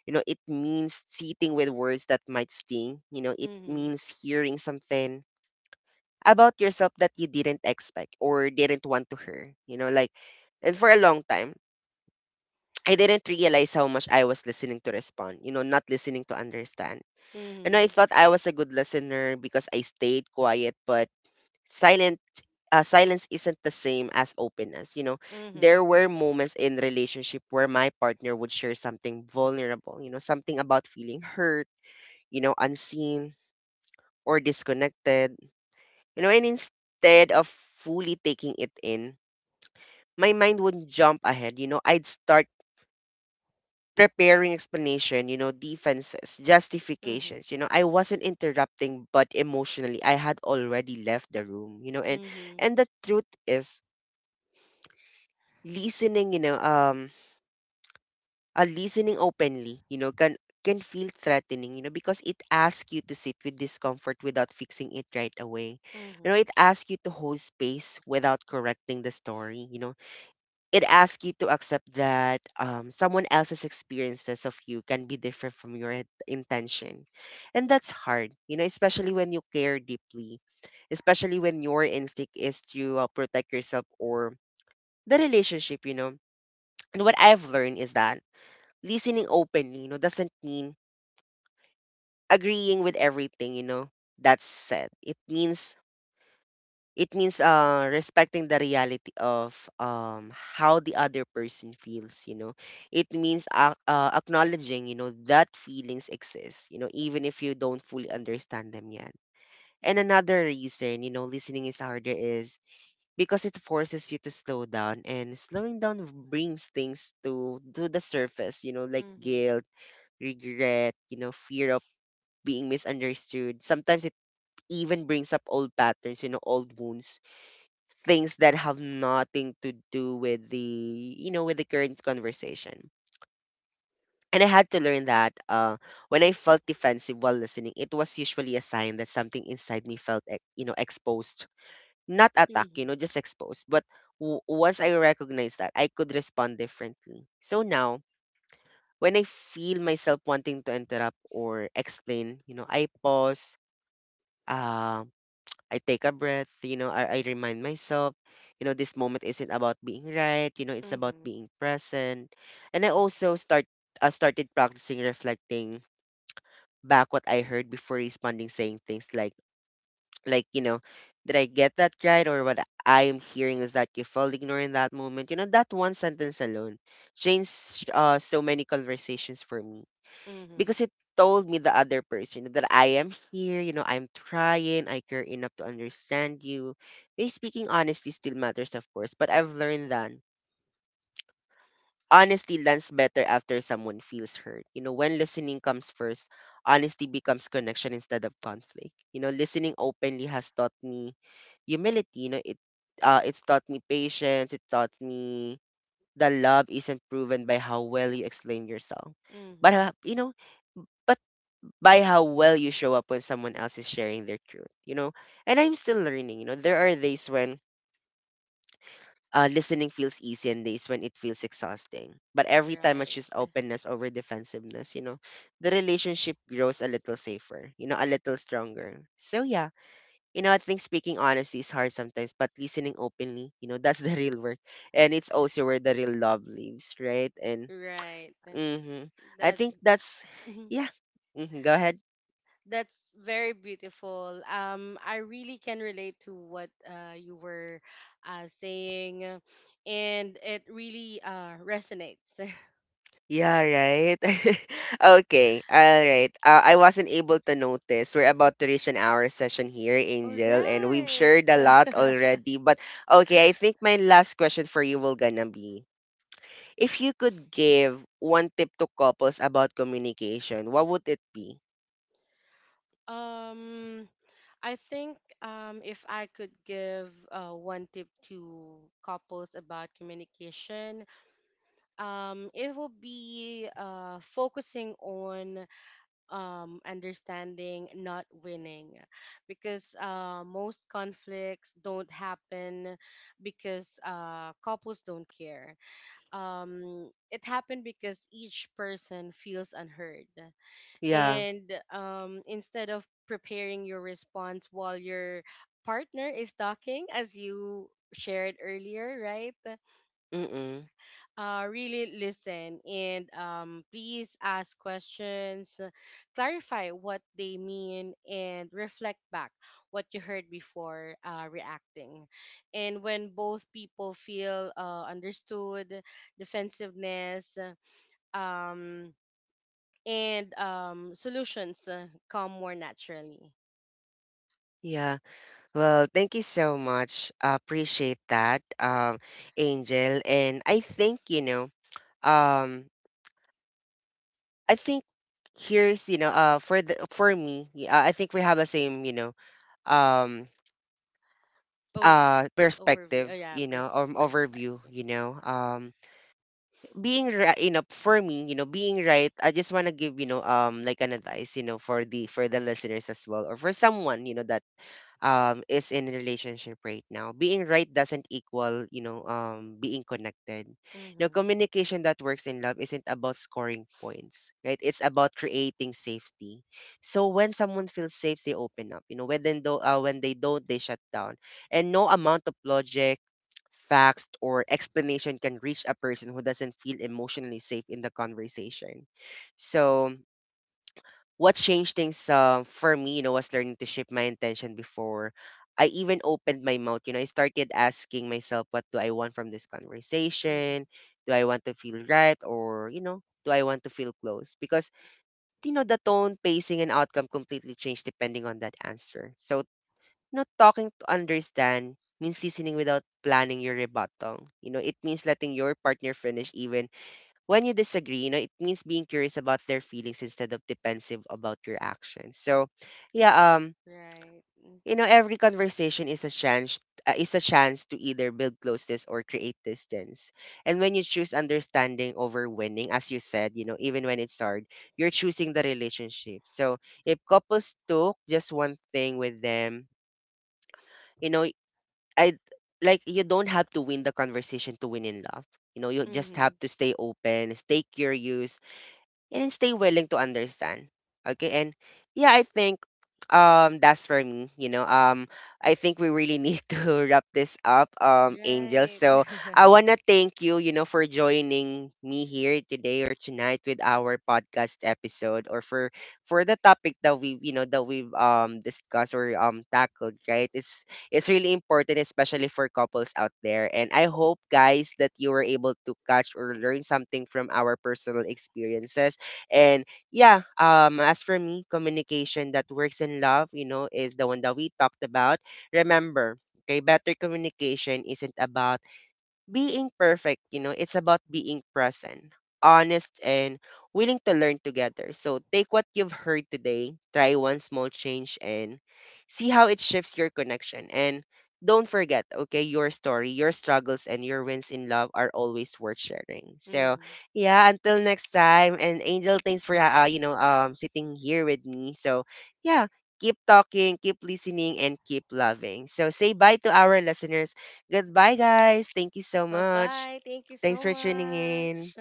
A: You know, it means sitting with words that might sting. You know, it
B: Mhm.
A: means hearing something about yourself that you didn't expect or didn't want to hear. You know, like, and for a long time, I didn't realize how much I was listening to respond, you know, not listening to understand. And I
B: Mhm.
A: thought I was a good listener because I stayed quiet, but silent silence isn't the same as openness. You know, there
B: Mhm.
A: were moments in relationship where my partner would share something vulnerable, you know, something about feeling hurt, you know, unseen or disconnected, you know, and instead of fully taking it in, my mind would jump ahead. You know, I'd start preparing explanation, you know, defenses, justifications. You know, I wasn't interrupting, but emotionally I had already left the room, you know. and
B: Mhm.
A: and the truth is listening, you know, listening openly, you know, can feel threatening, you know, because it asks you to sit with discomfort without fixing it right away. You
B: Mhm.
A: know, it asks you to hold space without correcting the story, you know. It asks you to accept that someone else's experiences of you can be different from your intention. And that's hard, you know, especially when you care deeply, especially when your instinct is to protect yourself or the relationship, you know. And what I've learned is that listening openly, you know, doesn't mean agreeing with everything, you know, that's said. It means it means respecting the reality of how the other person feels, you know. It means ac acknowledging, you know, that feelings exist, you know, even if you don't fully understand them yet. And another reason, you know, listening is harder is because it forces you to slow down, and slowing down brings things to the surface, you know, like
B: Mhm.
A: guilt, regret, you know, fear of being misunderstood. Sometimes it even brings up old patterns, you know, old wounds, things that have nothing to do with the, you know, with the current conversation. And I had to learn that when I felt defensive while listening, it was usually a sign that something inside me felt, you know, exposed. Not attacked, you know,
B: Mhm.
A: just exposed. But once I recognized that, I could respond differently. So now, when I feel myself wanting to interrupt or explain, you know, I pause, uh, I take a breath, you know, I remind myself, you know, this moment isn't about being right, you know, it's
B: Mhm.
A: about
B: Mhm.
A: being present. And I also started practicing reflecting back what I heard before responding, saying things like, you know, did I get that right? Or what I am hearing is that you felt ignored in that moment. You know, that one sentence alone changed so many conversations for me
B: Mhm.
A: because it told me the other person that I am here, you know, I'm trying, I care enough to understand you. Me speaking honesty still matters, of course, but I've learned that honesty lands better after someone feels hurt. You know, when listening comes first, honesty becomes connection instead of conflict. You know, listening openly has taught me humility. You know, it's taught me patience. It taught me the love isn't proven by how well you explain yourself. But
B: Mhm.
A: you know, but by how well you show up when someone else is sharing their truth, you know? And I'm still learning, you know? There are days when listening feels easy and days when it feels exhausting. But every time I
B: Right.
A: choose openness over defensiveness, you know, the relationship grows a little safer, you know, a little stronger. So, yeah, you know, I think speaking honestly is hard sometimes, but listening openly, you know, that's the real work. And it's also where the real love lives, right? And
B: Right.
A: mm-hmm, I
B: That's,
A: think that's, yeah. Mm-hmm, go ahead.
B: that's very beautiful. I really can relate to what you were saying, and it really resonates.
A: Yeah, right. Okay, all right. I wasn't able to notice. We're about to reach an hour session here,
B: All
A: Angel, and we've
B: right.
A: shared a lot already. But okay, I think my last question for you will gonna be, if you could give one tip to couples about communication, what would it be?
B: um, I think If I could give one tip to couples about communication, it will be focusing on understanding, not winning. Because most conflicts don't happen because couples don't care. It happened because each person feels unheard.
A: Yeah.
B: And instead of preparing your response while your partner is talking, as you shared earlier, right?
A: Mm-mm.
B: Really listen, and please ask questions, clarify what they mean, and reflect back what you heard before reacting. And when both people feel understood, defensiveness, um, and solutions come more naturally.
A: Yeah. Well, thank you so much. I appreciate that, Angel. And I think, you know, um, I think here's, you know, for the for me, yeah, I think we have the same, you know, um
B: Oh, overview. Oh,
A: perspective,
B: yeah,
A: you know, overview,
B: perspective.
A: you know, being right, you know, for me, you know, being right, I just want to give, you know, like an advice, you know, for the listeners as well or for someone, you know, that is in a relationship right now. Being right doesn't equal, you know, being connected. Now
B: Mm-hmm.
A: communication that works in love isn't about scoring points, right? It's about creating safety. So when someone feels safe, they open up, you know. When they do, when they don't, they shut down, and no amount of logic, facts, or explanation can reach a person who doesn't feel emotionally safe in the conversation. So what changed things for me, you know, was learning to shape my intention before I even opened my mouth. You know, I started asking myself, what do I want from this
B: Mm-hmm.
A: conversation? Do I want to feel right? Or, you know, do I want to feel close? Because, you know, the tone, pacing, and outcome completely change depending on that answer. So, you know, talking to understand means listening without planning your rebuttal. You know, it means letting your partner finish even when you disagree, you know, it means being curious about their feelings instead of defensive about your actions. So, yeah,
B: Right.
A: you know, every conversation is a chance to either build closeness or create distance. And when you choose understanding over winning, as you said, you know, even when it's hard, you're choosing the relationship. So, if couples took just one thing with them, you know, I like, you don't have to win the conversation to win in love. You know, you just have to stay open, stay curious, and stay willing to understand. Okay, and yeah, I think that's for me. You know, I think we really need to wrap this up,
B: Mm-hmm.
A: Angel.
B: Right.
A: So I wanna thank you, you know, for joining me here today or tonight with our podcast episode or for the topic that we you know that we've discussed or tackled, right? It's really important, especially for couples out there. And I hope guys that you were able to catch or learn something from our personal experiences. And yeah, as for me, communication that works in love, you know, is the one that we talked about. Remember, okay, better communication isn't about being perfect, you know, it's about being present, honest, and willing to learn together. So take what you've heard today, try one small change, and see how it shifts your connection. And don't forget, okay, your story, your struggles, and your wins in love are always worth sharing. So
B: Hmm.
A: yeah, until next time. And Angel, thanks for you know, sitting here with me. So yeah. Keep talking, keep listening, and keep loving. So, say bye to our listeners. Goodbye, guys. Thank you so much.
B: Bye-bye. Thank you so
A: Thanks for tuning
B: much.
A: in.